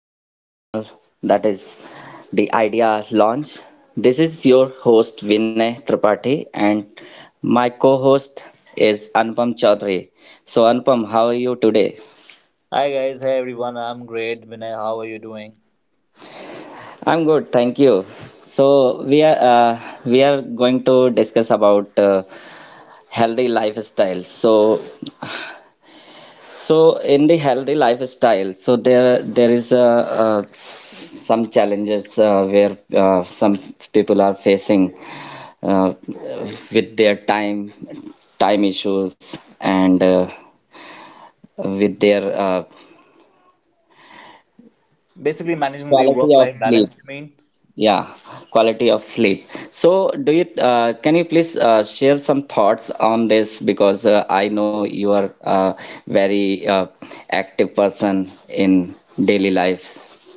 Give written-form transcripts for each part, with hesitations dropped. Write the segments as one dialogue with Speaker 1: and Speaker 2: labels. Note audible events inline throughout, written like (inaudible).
Speaker 1: To the our channel, that is the Idea Launch. This is your host Vinay Tripathi and my co-host is Anupam Chaudhary. So Anupam, how are you today?
Speaker 2: Hi guys, hi everyone. I'm great. Vinay, how are you doing?
Speaker 1: I'm good, thank you. So we are uh, we are going to discuss about healthy lifestyle. So in the healthy lifestyle, so there is a, some challenges where some people are facing uh, with their time issues and with their
Speaker 2: Basically, managing the
Speaker 1: quality of
Speaker 2: work-life
Speaker 1: sleep.
Speaker 2: balance, you mean?
Speaker 1: Yeah, quality of sleep. So, do you can you please share some thoughts on this because I know you are a very active person in daily life.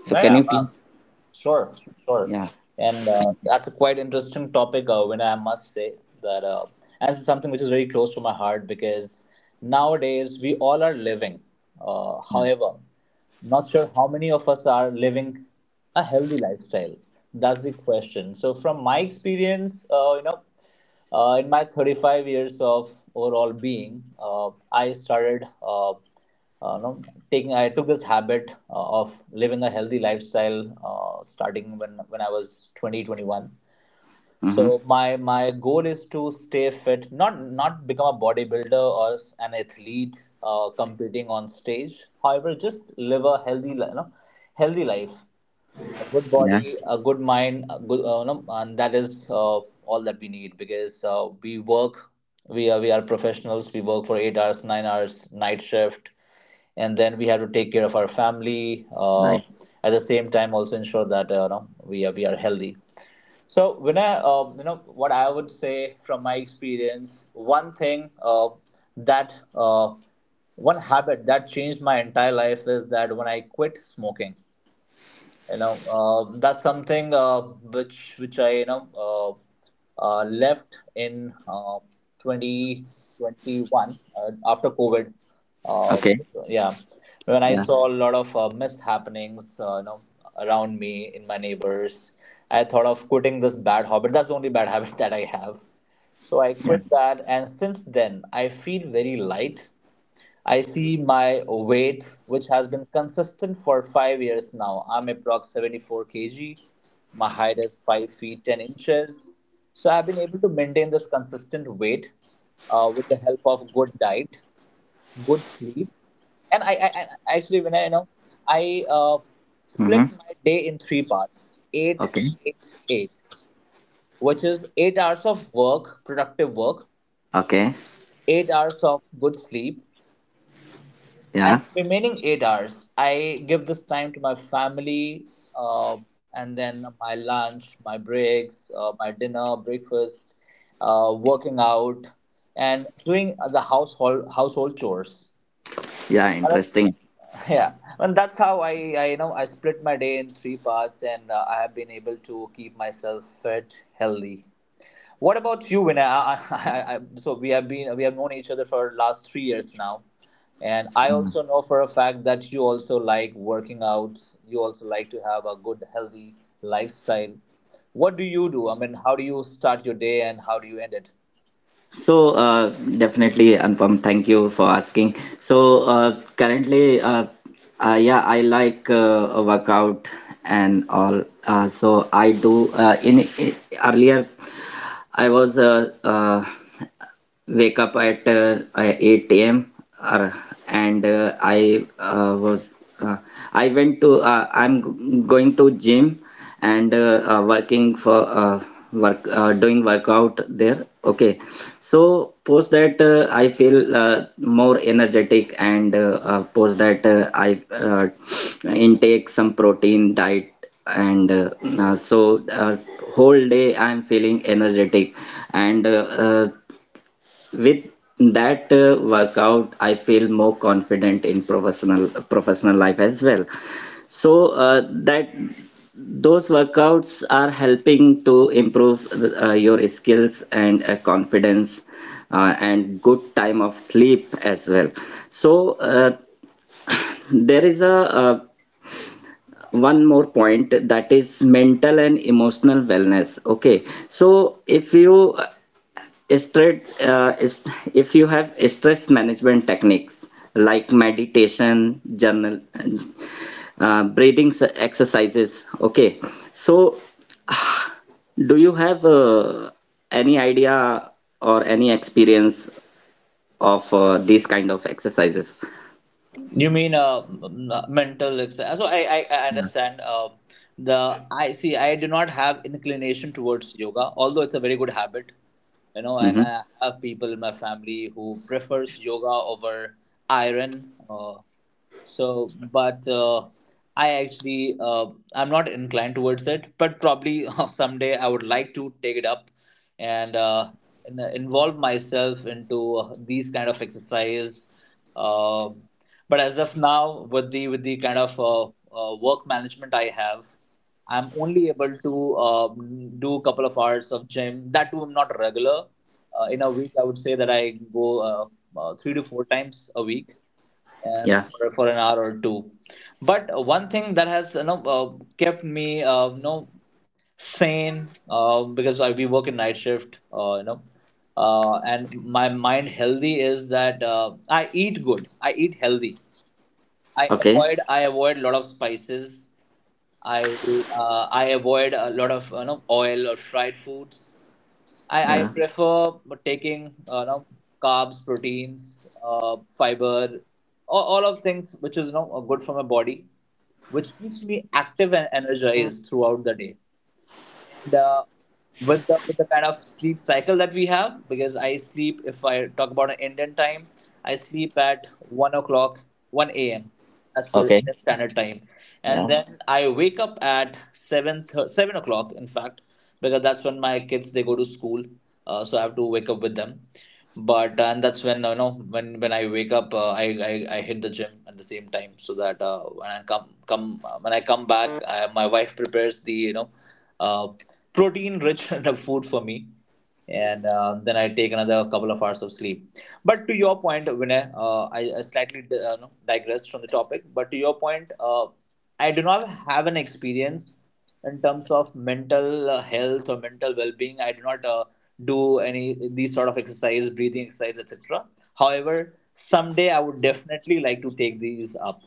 Speaker 1: So,
Speaker 2: Yeah,
Speaker 1: can
Speaker 2: yeah,
Speaker 1: you please?
Speaker 2: sure, sure.
Speaker 1: Yeah.
Speaker 2: And That's a quite interesting topic, Vinay, I must say that, and it's something which is very close to my heart because nowadays we all are living. However, not sure how many of us are living a healthy lifestyle. That's the question. So, from my experience, in my 35 years of overall being, I started no, taking I took this habit of living a healthy lifestyle starting when I was 20 21.
Speaker 1: Mm-hmm.
Speaker 2: So my goal is to stay fit, not become a bodybuilder or an athlete competing on stage. However, just live a healthy, li- you know, healthy life, a good
Speaker 1: Yeah.
Speaker 2: body, a good mind, a good, you know, and that is all that we need because we work, we are professionals. We work for 8 hours, 9 hours, night shift, and then we have to take care of our family.
Speaker 1: Right.
Speaker 2: At the same time, also ensure that we are healthy. So when I, you know, what I would say from my experience, that uh, one habit that changed my entire life is that when I quit smoking, that's something which I uh, left in 2021, after covid. uh,
Speaker 1: Okay.
Speaker 2: yeah, when I
Speaker 1: Yeah.
Speaker 2: saw a lot of mishappenings, around me, in my neighbors, I thought of quitting this bad habit. That's the only bad habit (laughs) that I have. So I
Speaker 1: Yeah.
Speaker 2: quit that, and since then I feel very light. I see my weight, which has been consistent for 5 years now. I'm approx 74 kg. My height is 5 feet 10 inches. So I've been able to maintain this consistent weight with the help of good diet, good sleep. And I actually, when I, you know, I
Speaker 1: Mm-hmm.
Speaker 2: split my day in three parts: eight,
Speaker 1: Okay.
Speaker 2: eight, eight, which is 8 hours of work, productive work,
Speaker 1: Okay.
Speaker 2: 8 hours of good sleep, and
Speaker 1: Yeah.
Speaker 2: the remaining 8 hours, I give this time to my family, uh, and then my lunch, my breaks, my dinner, breakfast, working out, and doing the household chores.
Speaker 1: Yeah.
Speaker 2: And I-
Speaker 1: Interesting.
Speaker 2: (laughs) yeah, and that's how I you know I split my day in three parts, and I have been able to keep myself fit, healthy. What about you, Vinay? (laughs) So we have known each other for last 3 years now, and I also know for a fact that you also like working out. You also like to have a good, healthy lifestyle. What do you do? I mean, how do you start your day and how do you end it?
Speaker 1: So definitely, Anupam, thank you for asking. So uh, currently, uh, yeah, I like a workout and all. So I do in earlier I was wake up at 8 a.m. or and I was uh, I went to I'm going to gym and working for work doing workout there. Okay, so post that I feel more energetic and post that I intake some protein diet and uh, so uh, whole day I'm feeling energetic and with that workout, I feel more confident in professional life as well. So that those workouts are helping to improve your skills and confidence and good time of sleep as well. So, (sighs) there is a one more point, that is mental and emotional wellness. Okay, so if you stress is if you have stress management techniques like meditation, journal, breathing exercises, okay. So do you have any idea or any experience of these kind of exercises?
Speaker 2: You mean mental exercise? So I understand. The I see. I do not have inclination towards yoga, although it's a very good habit, you know.
Speaker 1: Mm-hmm.
Speaker 2: And I have people in my family who prefers yoga over iron. So but I actually I'm not inclined towards it, but probably (laughs) someday I would like to take it up and involve myself into these kind of exercise. Um but as of now, with the kind of work management I have, I'm only able to um, do a couple of hours of gym. That too, I'm not regular. In a week, I would say that I go 3 to 4 times a week, and
Speaker 1: Yeah.
Speaker 2: for an hour or two. But one thing that has kept me sane, because I we work in night shift, and my mind healthy, is that I eat good. I eat healthy.
Speaker 1: Okay.
Speaker 2: I avoid a lot of spices. I I avoid a lot of oil or fried foods.
Speaker 1: Yeah.
Speaker 2: I prefer taking carbs, proteins, fiber, all of things which is good for my body, which keeps me active and energized throughout the day. And with the kind of sleep cycle that we have, because I sleep, if I talk about an Indian time, I sleep at 1 o'clock, 1 a.m as per
Speaker 1: Okay.
Speaker 2: Indian standard time, and
Speaker 1: Yeah.
Speaker 2: then I wake up at 7 o'clock in fact, because that's when my kids they go to school, so I have to wake up with them. But and That's when I wake up, I hit the gym at the same time, so that when I come back, my wife prepares the uh protein rich (laughs) enough food for me, and then I take another couple of hours of sleep. But to your point, Vinay, I slightly no, digressed from the topic. But to your point, I do not have an experience in terms of mental health or mental well-being. I do not do any these sort of exercise, breathing exercise, etc. However, someday I would definitely like to take these up.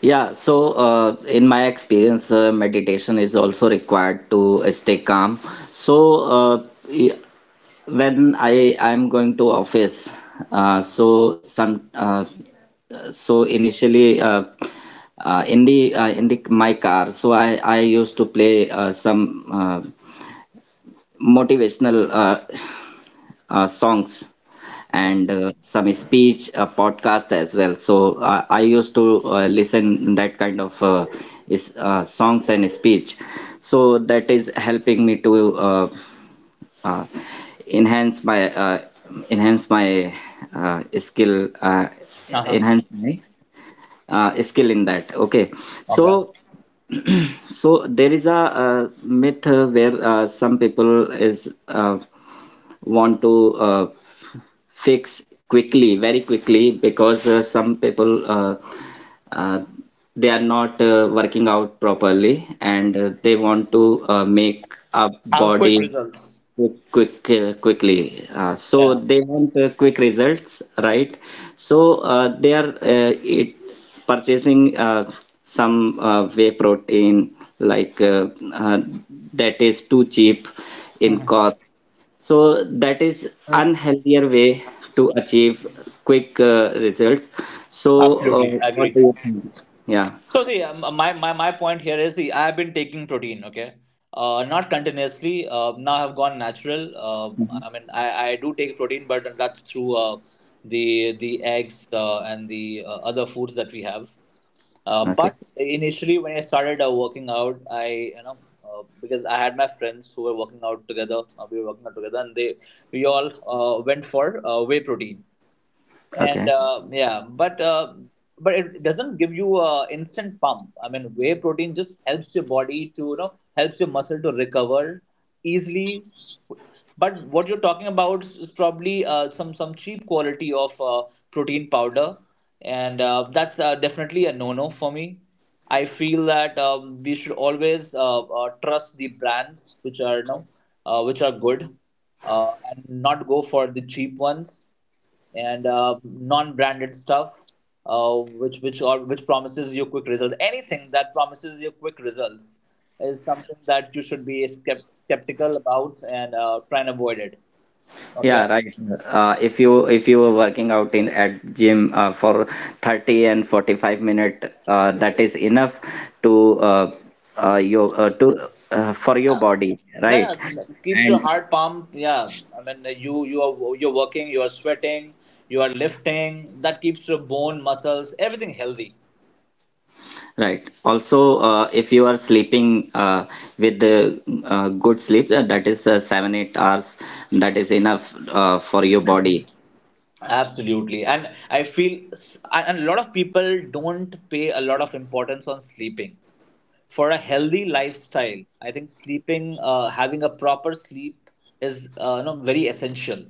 Speaker 1: Yeah, so in my experience, meditation is also required to stay calm. So uh, y- when I'm going to office, uh, so some uh, so initially, in the my car, so I used to play some motivational songs
Speaker 2: Okay.
Speaker 1: and some speech podcast as well. So I used to listen that kind of is songs and speech, so that is helping me to uh, enhance my uh, enhance my uh, skill uh,
Speaker 2: Uh-huh.
Speaker 1: enhance my skill in that. Okay,
Speaker 2: Okay.
Speaker 1: so so there is a myth where some people is want to fix quickly, very quickly, because some people uh, they are not working out properly and they want to make a
Speaker 2: Have quick
Speaker 1: body
Speaker 2: results.
Speaker 1: quick, quickly. So
Speaker 2: Yeah.
Speaker 1: they want quick results, right? So they are it purchasing some whey protein like uh, that is too cheap in
Speaker 2: Mhm.
Speaker 1: cost, so that is unhealthier way to achieve quick results. So, uh,
Speaker 2: Absolutely, I
Speaker 1: what
Speaker 2: agree.
Speaker 1: do you think? Yeah.
Speaker 2: So see, my point here is the I have been taking protein, okay, not continuously. Now I've gone natural. I mean, I do take protein, but that's through the eggs and the other foods that we have.
Speaker 1: Okay.
Speaker 2: But initially, when I started working out, I you know because I had my friends who were working out together. We were working out together, and they we all went for whey protein and
Speaker 1: Okay.
Speaker 2: but it doesn't give you a instant pump. I mean, whey protein just helps your body to helps your muscle to recover easily. But what you're talking about is probably some cheap quality of protein powder, and that's definitely a no-no for me. I feel that we should always trust the brands which are which are good, and not go for the cheap ones and non-branded stuff, which promises you quick results. Anything that promises you quick results is something that you should be skeptical about and try and avoid it. Okay.
Speaker 1: Yeah, right. If you were working out in at gym for 30 and 45 minute, that is enough to your to for your
Speaker 2: Uh,
Speaker 1: body, right?
Speaker 2: yeah. Yeah, keeps your
Speaker 1: And.
Speaker 2: heart pumped. Yeah, I mean, you are, you're working, you are sweating, you are lifting. That keeps your bone, muscles, everything healthy.
Speaker 1: Right. Also, if you are sleeping with the good sleep, that is seven, 8 hours, that is enough for your body.
Speaker 2: Absolutely. And I feel and a lot of people don't pay a lot of importance on sleeping. For a healthy lifestyle, I think sleeping, having a proper sleep, is very essential.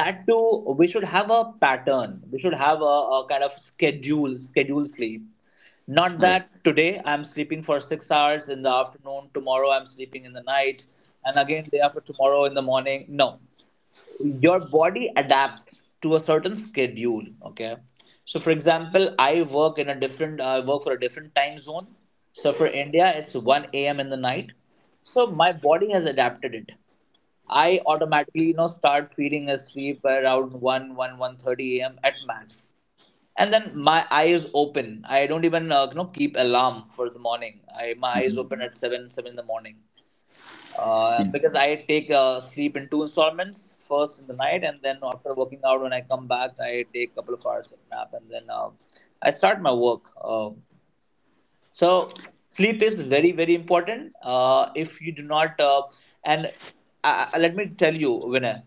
Speaker 2: That too, we should have a pattern. We should have a kind of schedule sleep. Not
Speaker 1: Right.
Speaker 2: that today I'm sleeping for 6 hours in the afternoon, tomorrow I'm sleeping in the night, and again day after tomorrow in the morning. No, your body adapts to a certain schedule, okay? So for example, I work in a different, I work for a different time zone. So for India, it's 1 a.m in the night. So my body has adapted it. I automatically, you know, start feeling asleep around 1:30 a.m at max, and then my eye is open. I don't even keep alarm for the morning. I My eyes open at 7 in the morning,
Speaker 1: Yeah.
Speaker 2: because I take sleep in 2 installments. First in the night, and then after working out, when I come back, I take a couple of hours of nap, and then I start my work. So sleep is very very important. If you do not, and let me tell you, Vinay,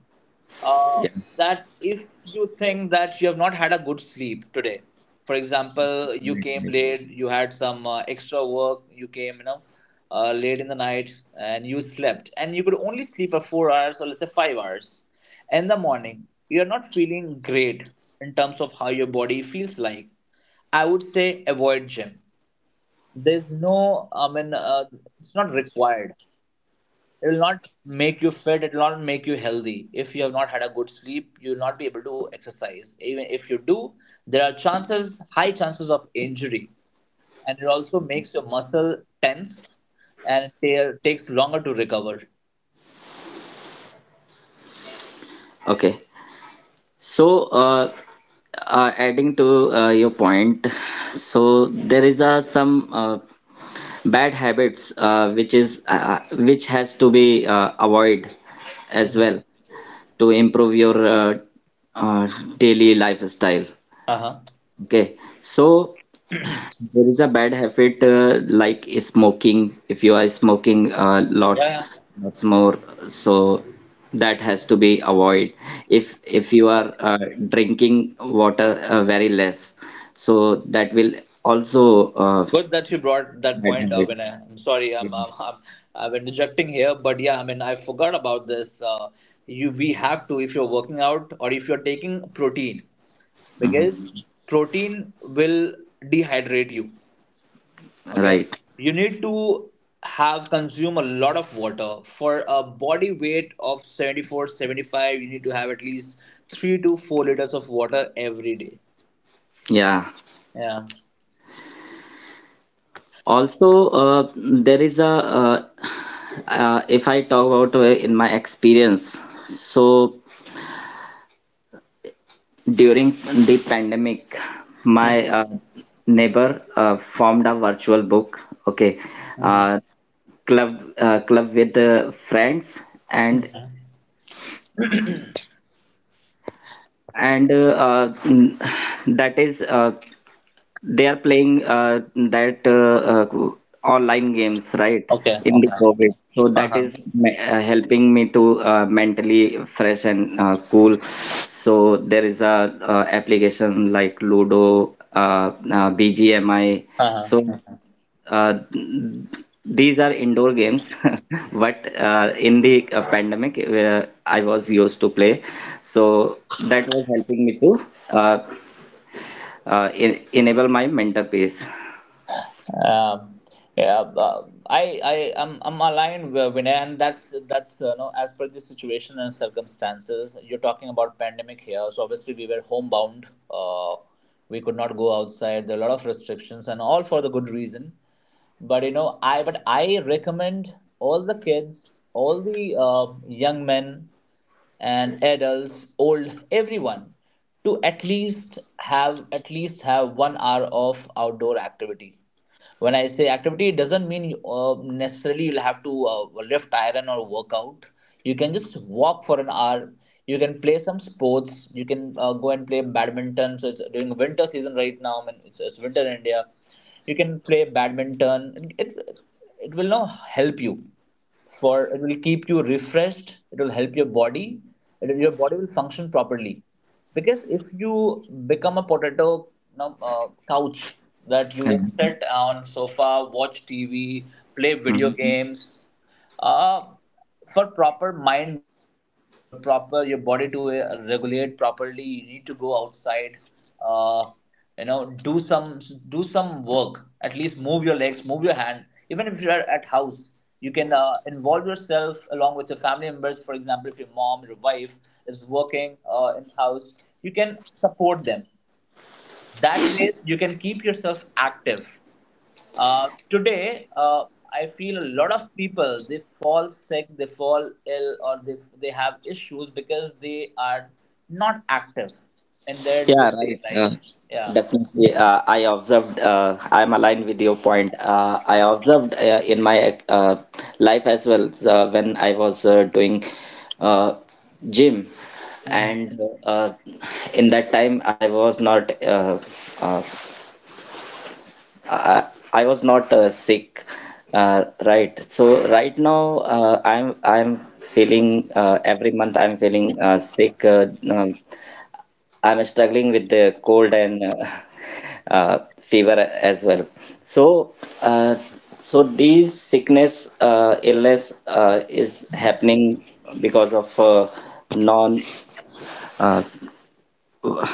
Speaker 2: uh,
Speaker 1: Yeah.
Speaker 2: that if you think that you have not had a good sleep today, for example, you came late, you had some extra work, you came, late in the night, and you slept and you could only sleep for 4 hours, or let's say 5 hours. In the morning you're not feeling great in terms of how your body feels like. I would say avoid gym. There's no, it's not required. It will not make you fit, it will not make you healthy. If you have not had a good sleep you will not be able to exercise, even if you do there are chances, high chances of injury, and it also makes your muscle tensed, and it takes longer to recover.
Speaker 1: Okay. So, adding to your point, so there is some bad habits which has to be avoid as
Speaker 2: Mhm.
Speaker 1: well, to improve your uh, daily lifestyle.
Speaker 2: Uh-huh.
Speaker 1: Okay. So, there is a bad habit like smoking. If you are smoking
Speaker 2: Yeah,
Speaker 1: lots,
Speaker 2: yeah.
Speaker 1: lots more, so that has to be avoid. If you are drinking water very less, so that will also
Speaker 2: Good that you brought that point up,
Speaker 1: bad
Speaker 2: and I'm sorry, I'm,
Speaker 1: habit.
Speaker 2: I'm i'm i'm interjecting here, but yeah, I mean I forgot about this. You, we have to, if you're working out or if you're taking protein, because protein will dehydrate you. Okay,
Speaker 1: Right.
Speaker 2: you need to have consume a lot of water. For a body weight of 74, 75, you need to have at least 3 to 4 liters of water every day.
Speaker 1: Yeah.
Speaker 2: Yeah.
Speaker 1: Also, there is a if I talk about in my experience, so during the pandemic,
Speaker 2: Mm-hmm.
Speaker 1: my neighbor formed a virtual book, okay,
Speaker 2: Mm-hmm.
Speaker 1: uh, club with friends and
Speaker 2: Mm-hmm.
Speaker 1: and n- that is they are playing that online games, right?
Speaker 2: Okay,
Speaker 1: In the
Speaker 2: okay.
Speaker 1: COVID. So that
Speaker 2: Uh-huh.
Speaker 1: is helping me to mentally fresh and cool. So there is a application like Ludo, BGMI.
Speaker 2: Uh-huh.
Speaker 1: So uh, these are indoor games, (laughs) but in the pandemic, I was used to play. So that was helping me to uh, enable my mental peace.
Speaker 2: Um, yeah, I'm aligned with Vinay, and that's no, as per the situation and circumstances. You're talking about pandemic here, so obviously we were homebound. We could not go outside. There are a lot of restrictions, and all for the good reason. But you know, I recommend all the kids, all the young men and adults, old, everyone, to at least have, at least have 1 hour of outdoor activity. When I say activity it doesn't mean uh, necessarily you'll have to lift iron or work out. You can just walk for an hour, you can play some sports, you can go and play badminton. So it's during winter season right now, I mean, it's winter in India. You can play badminton. It will now help you for, it will keep you refreshed, it will help your body, your body will function properly. Because if you become a potato, you know, couch, that you just
Speaker 1: Mhm.
Speaker 2: sit on sofa, watch TV, play video
Speaker 1: Mhm.
Speaker 2: games, uh, for proper mind development, for proper your body to regulate properly, you need to go outside, uh, you know, do some, do some work, at least move your legs, move your hand, even if you are at house. You can involve yourself along with your family members. For example, if your mom, your wife is working in house, you can support them. That ways you can keep yourself active. Today, I feel a lot of people, they fall sick, they fall ill, or they have issues because they are not active in their day
Speaker 1: Yeah,
Speaker 2: to day
Speaker 1: right.
Speaker 2: life. Yeah.
Speaker 1: Definitely. I observed, I'm aligned with your point. I observed in my life as well when I was doing uh, gym.
Speaker 2: Mm-hmm.
Speaker 1: And in that time, uh, I, I was not sick. Right. So right now, I'm feeling every month I'm feeling sick. I'm struggling with the cold and (laughs) fever as well. So, uh, so these sickness, illness is happening because of non, uh,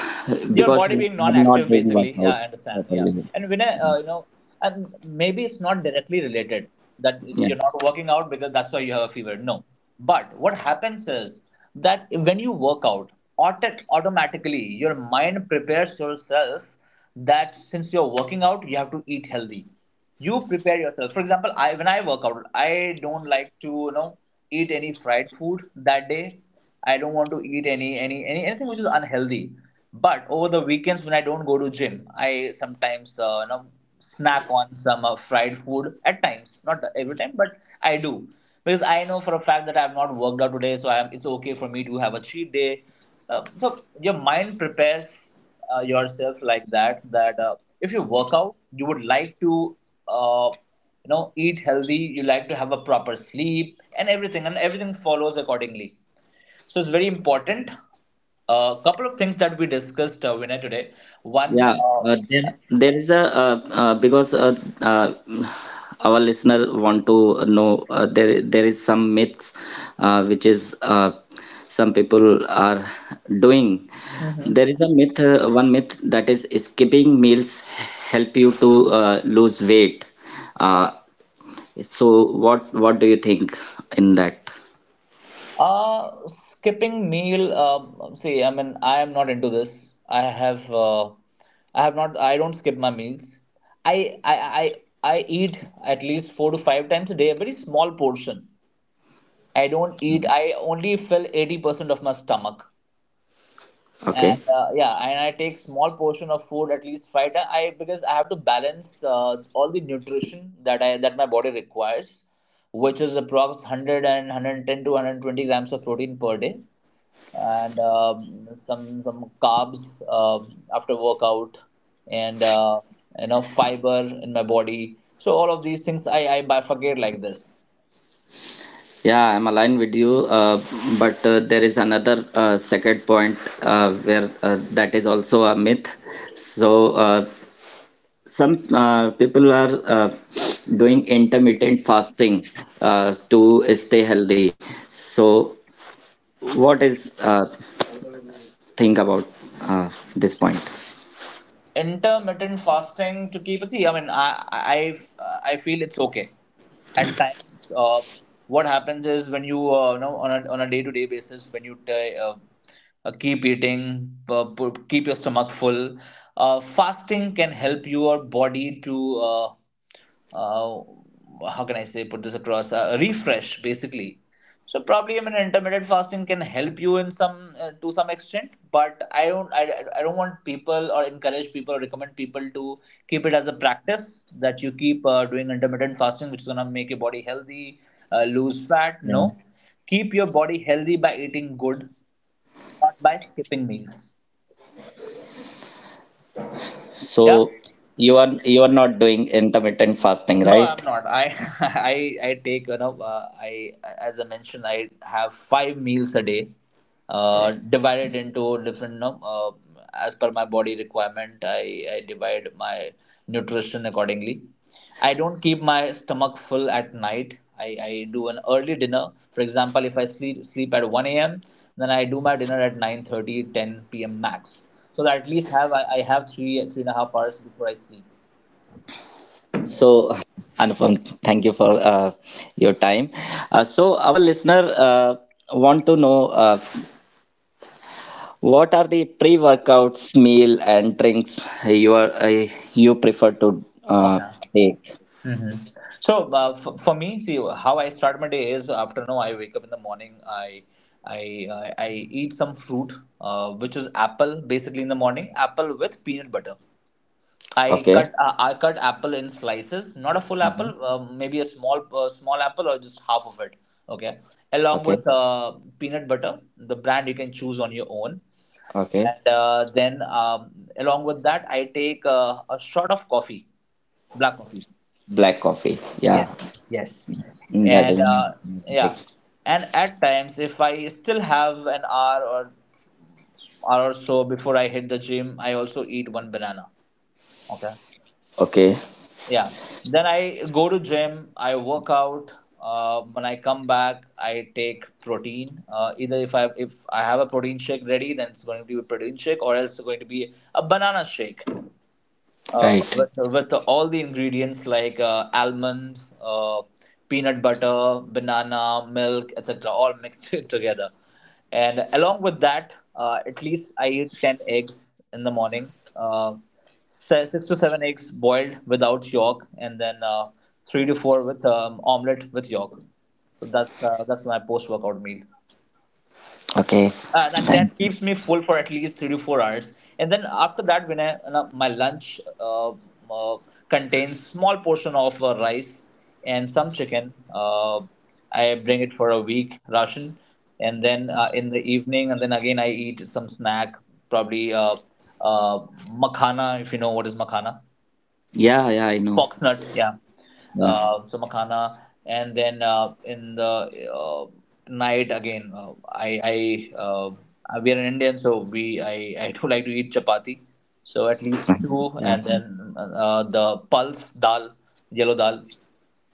Speaker 1: (sighs)
Speaker 2: Your
Speaker 1: because
Speaker 2: body being
Speaker 1: I'm not
Speaker 2: non-active
Speaker 1: doing
Speaker 2: basically, yeah, I
Speaker 1: workouts
Speaker 2: understand. Yeah,
Speaker 1: properly.
Speaker 2: and when I, you know, and maybe it's not directly related that
Speaker 1: Yeah.
Speaker 2: you're not working out because that's why you have a fever, no. But what happens is that when you work out, automatically your mind prepares yourself that since you're working out you have to eat healthy. You prepare yourself. For example, I, when I work out I don't like to, eat any fried food that day. I don't want to eat anything which is unhealthy. But over the weekends when I don't go to gym, I sometimes you know, snack on some fried food at times, not every time, but I do, because I know for a fact that I have not worked out today. So I am, it's okay for me to have a cheat day. So your mind prepares yourself like that. That if you work out, you would like to uh, you know, eat healthy, you like to have a proper sleep and everything follows accordingly. So it's very important. A couple of things that we discussed, Vinay, today. One,
Speaker 1: Yeah, uh,
Speaker 2: uh,
Speaker 1: there, there is a because uh, our listener want to know there is some myths which is some people are doing.
Speaker 2: mhm.
Speaker 1: There is a myth, one myth that is skipping meals help you to lose weight. Uh, so what do you think in that?
Speaker 2: Skipping meal. See, I mean, I am not into this. I have not. I don't skip my meals. I, I, I, I eat at least four to five times a day. A very small portion. I don't eat. I only fill 80% of my stomach.
Speaker 1: Okay.
Speaker 2: And yeah, and I take small portion of food at least five times. I Because I have to balance all the nutrition that I that my body requires, which is approx 100 to 120 grams of protein per day. And some carbs, after workout, and you know, fiber in my body. So all of these things I bifurcate like this.
Speaker 1: Yeah, I'm aligned with you, but there is another second point where that is also a myth. So some people are doing intermittent fasting to stay healthy. So what is think about uh, this point?
Speaker 2: Intermittent fasting, to keep it, see, i I feel it's okay at times. What happens is when you you know, on a, on a day to day basis, when you keep eating, keep your stomach full, fasting can help your body to uh, uh, how can I say, put this across, a refresh basically. So probably, I mean intermittent fasting can help you in some to some extent, but I don't, I don't want people, or encourage people, or recommend people to keep it as a practice, that you keep doing intermittent fasting, which is gonna make your body healthy, lose fat.
Speaker 1: Yeah.
Speaker 2: No, keep your body healthy by eating good, not by skipping meals. Yeah.
Speaker 1: So you are not doing intermittent fasting,
Speaker 2: No,
Speaker 1: right?
Speaker 2: I'm not. I (laughs) I I take, I, as I mentioned, I have 5 meals a day, divided into different, you know, as per my body requirement. I divide my nutrition accordingly. I don't keep my stomach full at night. I do an early dinner. For example, if I sleep at one a.m., then I do my dinner at 9:30, ten p.m. max. So that at least have, I have three, three and a half hours before I sleep.
Speaker 1: So, (laughs) Anupam, thank you for your time. So, our listener want to know what the pre-workouts, meal, and drinks you are you prefer to
Speaker 2: Okay.
Speaker 1: take?
Speaker 2: Hmm. So for me, see, how I start my day is after, no, I wake up in the morning. I I eat some fruit, which is apple, basically, in the morning, apple with peanut butter.
Speaker 1: Okay,
Speaker 2: I cut apple in slices, not a full apple, maybe a small small apple, or just half of it. Okay, along
Speaker 1: okay,
Speaker 2: with peanut butter, the brand you can choose on your own,
Speaker 1: okay.
Speaker 2: and then along with that, I take a shot of coffee, black coffee.
Speaker 1: Black coffee. Yeah.
Speaker 2: Yes, yes.
Speaker 1: Mm, that
Speaker 2: And
Speaker 1: is (laughs) big.
Speaker 2: yeah, and at times, if I still have an hour, or hour or so before I hit the gym, I also eat one banana. Okay.
Speaker 1: Okay,
Speaker 2: Yeah. Then I go to gym, I work out. When I come back, I take protein. Either if I have a protein shake ready, then it's going to be a protein shake, or else it's going to be a banana shake
Speaker 1: right.
Speaker 2: with all the ingredients, like almonds, peanut butter, banana, milk, etc., all mixed (laughs) together. And along with that, at least I eat 10 eggs in the morning. 6 to 7 eggs boiled without yolk, and then 3 to 4 with omelet with yolk. So that's my post workout meal,
Speaker 1: Okay,
Speaker 2: and that
Speaker 1: thanks.
Speaker 2: keeps me full for at least 3 to 4 hours. And then after that, when I, you know, my lunch uh, contains small portion of rice and some chicken, I bring it for a week ration. And then in the evening, and then again I eat some snack, probably uh, makhana, if you know what is makhana.
Speaker 1: Yeah, yeah, I know.
Speaker 2: Foxnut, yeah.
Speaker 1: Yeah,
Speaker 2: Some makhana, and then in the night again, I we are an Indian, so we I (laughs) do like to eat chapati, so at least two,
Speaker 1: (laughs) yeah,
Speaker 2: and then the pulse dal, yellow dal,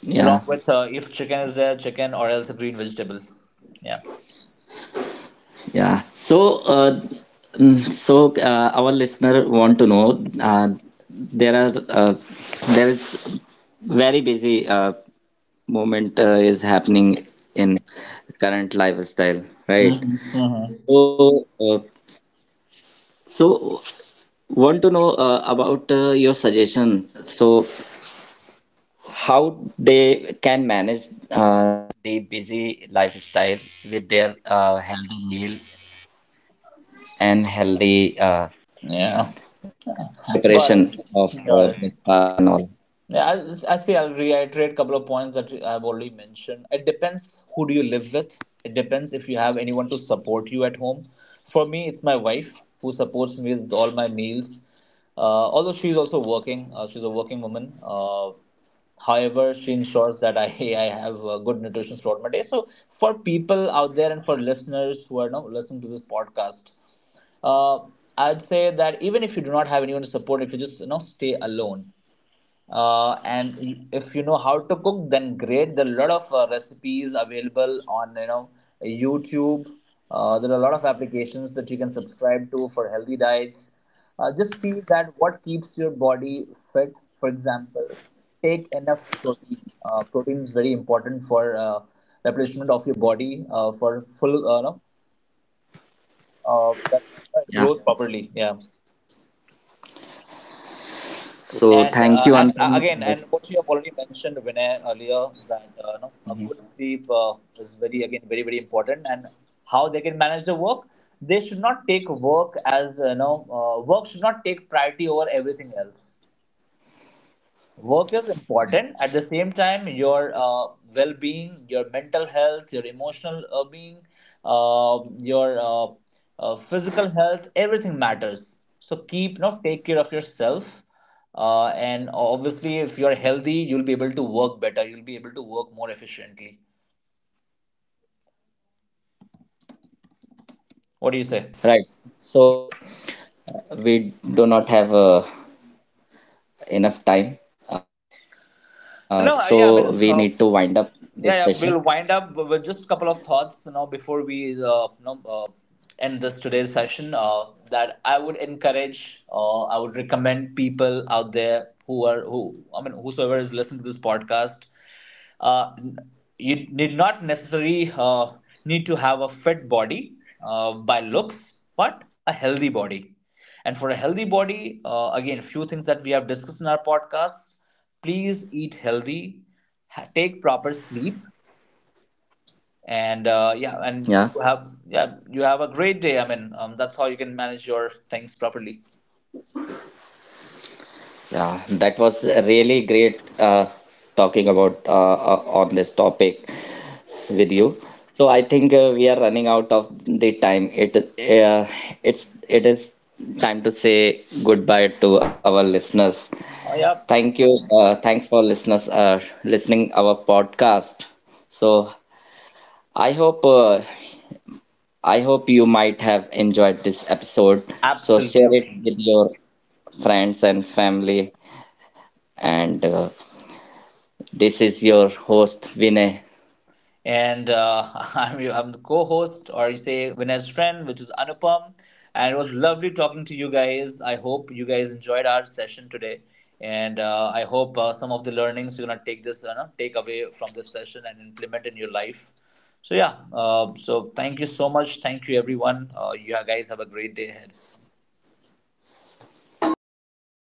Speaker 1: yeah.
Speaker 2: along with if chicken is there, chicken, or else a green vegetable. Yeah.
Speaker 1: Yeah. So, our listener want to know there are uh, there is very busy moment is happening in current lifestyle, right?
Speaker 2: Mm-hmm.
Speaker 1: So, so want to know about your suggestion.
Speaker 2: Yeah. Got it. Got it. Yeah, I say I'll reiterate a couple of points that I've already mentioned. It depends who do you live with. It depends if you have anyone to support you at home. For me, it's my wife who supports me with all my meals. Although she's also working, she's a working woman. However, she ensures that I (laughs) I have good nutrition throughout my day. So for people out there and for listeners who are now listening to this podcast, uh, I'd say that even if you do not have anyone to support, if you just, you know, stay alone, and if you know how to cook, then great. There are a lot of recipes available on, you know, YouTube. There are a lot of applications that you can subscribe to for healthy diets. Just see that what keeps your body fit. For example, take enough protein. Protein is very important for replenishment of your body, for full no, that
Speaker 1: Yeah,
Speaker 2: grows properly, yeah.
Speaker 1: so
Speaker 2: And
Speaker 1: thank you, Anupam.
Speaker 2: again, and what you have already mentioned, Vinay, earlier, that you know, a
Speaker 1: Mhm.
Speaker 2: good sleep is very, again, very very important, and how they can manage the work. They should not take work as, you know, work should not take priority over everything else. Work is important, at the same time your well-being, your mental health, your emotional being, your physical health, everything matters. So keep, you know, take care of yourself, and obviously if you're healthy you'll be able to work better, you'll be able to work more efficiently. What do you say?
Speaker 1: Right, so we do not have enough time, so we need to
Speaker 2: No
Speaker 1: wind
Speaker 2: Yeah,
Speaker 1: up this session.
Speaker 2: yeah, yeah, we'll wind up with just a couple of thoughts, you know, before we uh, you know uh, end this today's session, that I would encourage, I would recommend people out there who are, who, I mean, whosoever is listening to this podcast. uh, n- you need not necessarily need to have a fit body, by looks, but a healthy body. And for a healthy body, again, few things that we have discussed in our podcast, please eat healthy, take proper sleep, and
Speaker 1: Yeah,
Speaker 2: yeah, and you have, yeah, you have a great day. I mean, that's how you can manage your things properly.
Speaker 1: yeah, that was really great talking about on this topic with you. So I think we are running out of the time. It's it is time to say goodbye to our listeners.
Speaker 2: Yeah, absolutely. And (laughs) I'm, I'm the co-host, or you say Vinay's friend, which is Anupam. And it was lovely talking to you guys. I hope you guys enjoyed our session today, and I hope some of the learnings you're gonna take this, you know, take away from this session, and implement in your life. So yeah, so thank you so much. Thank you everyone. You guys have a great day ahead.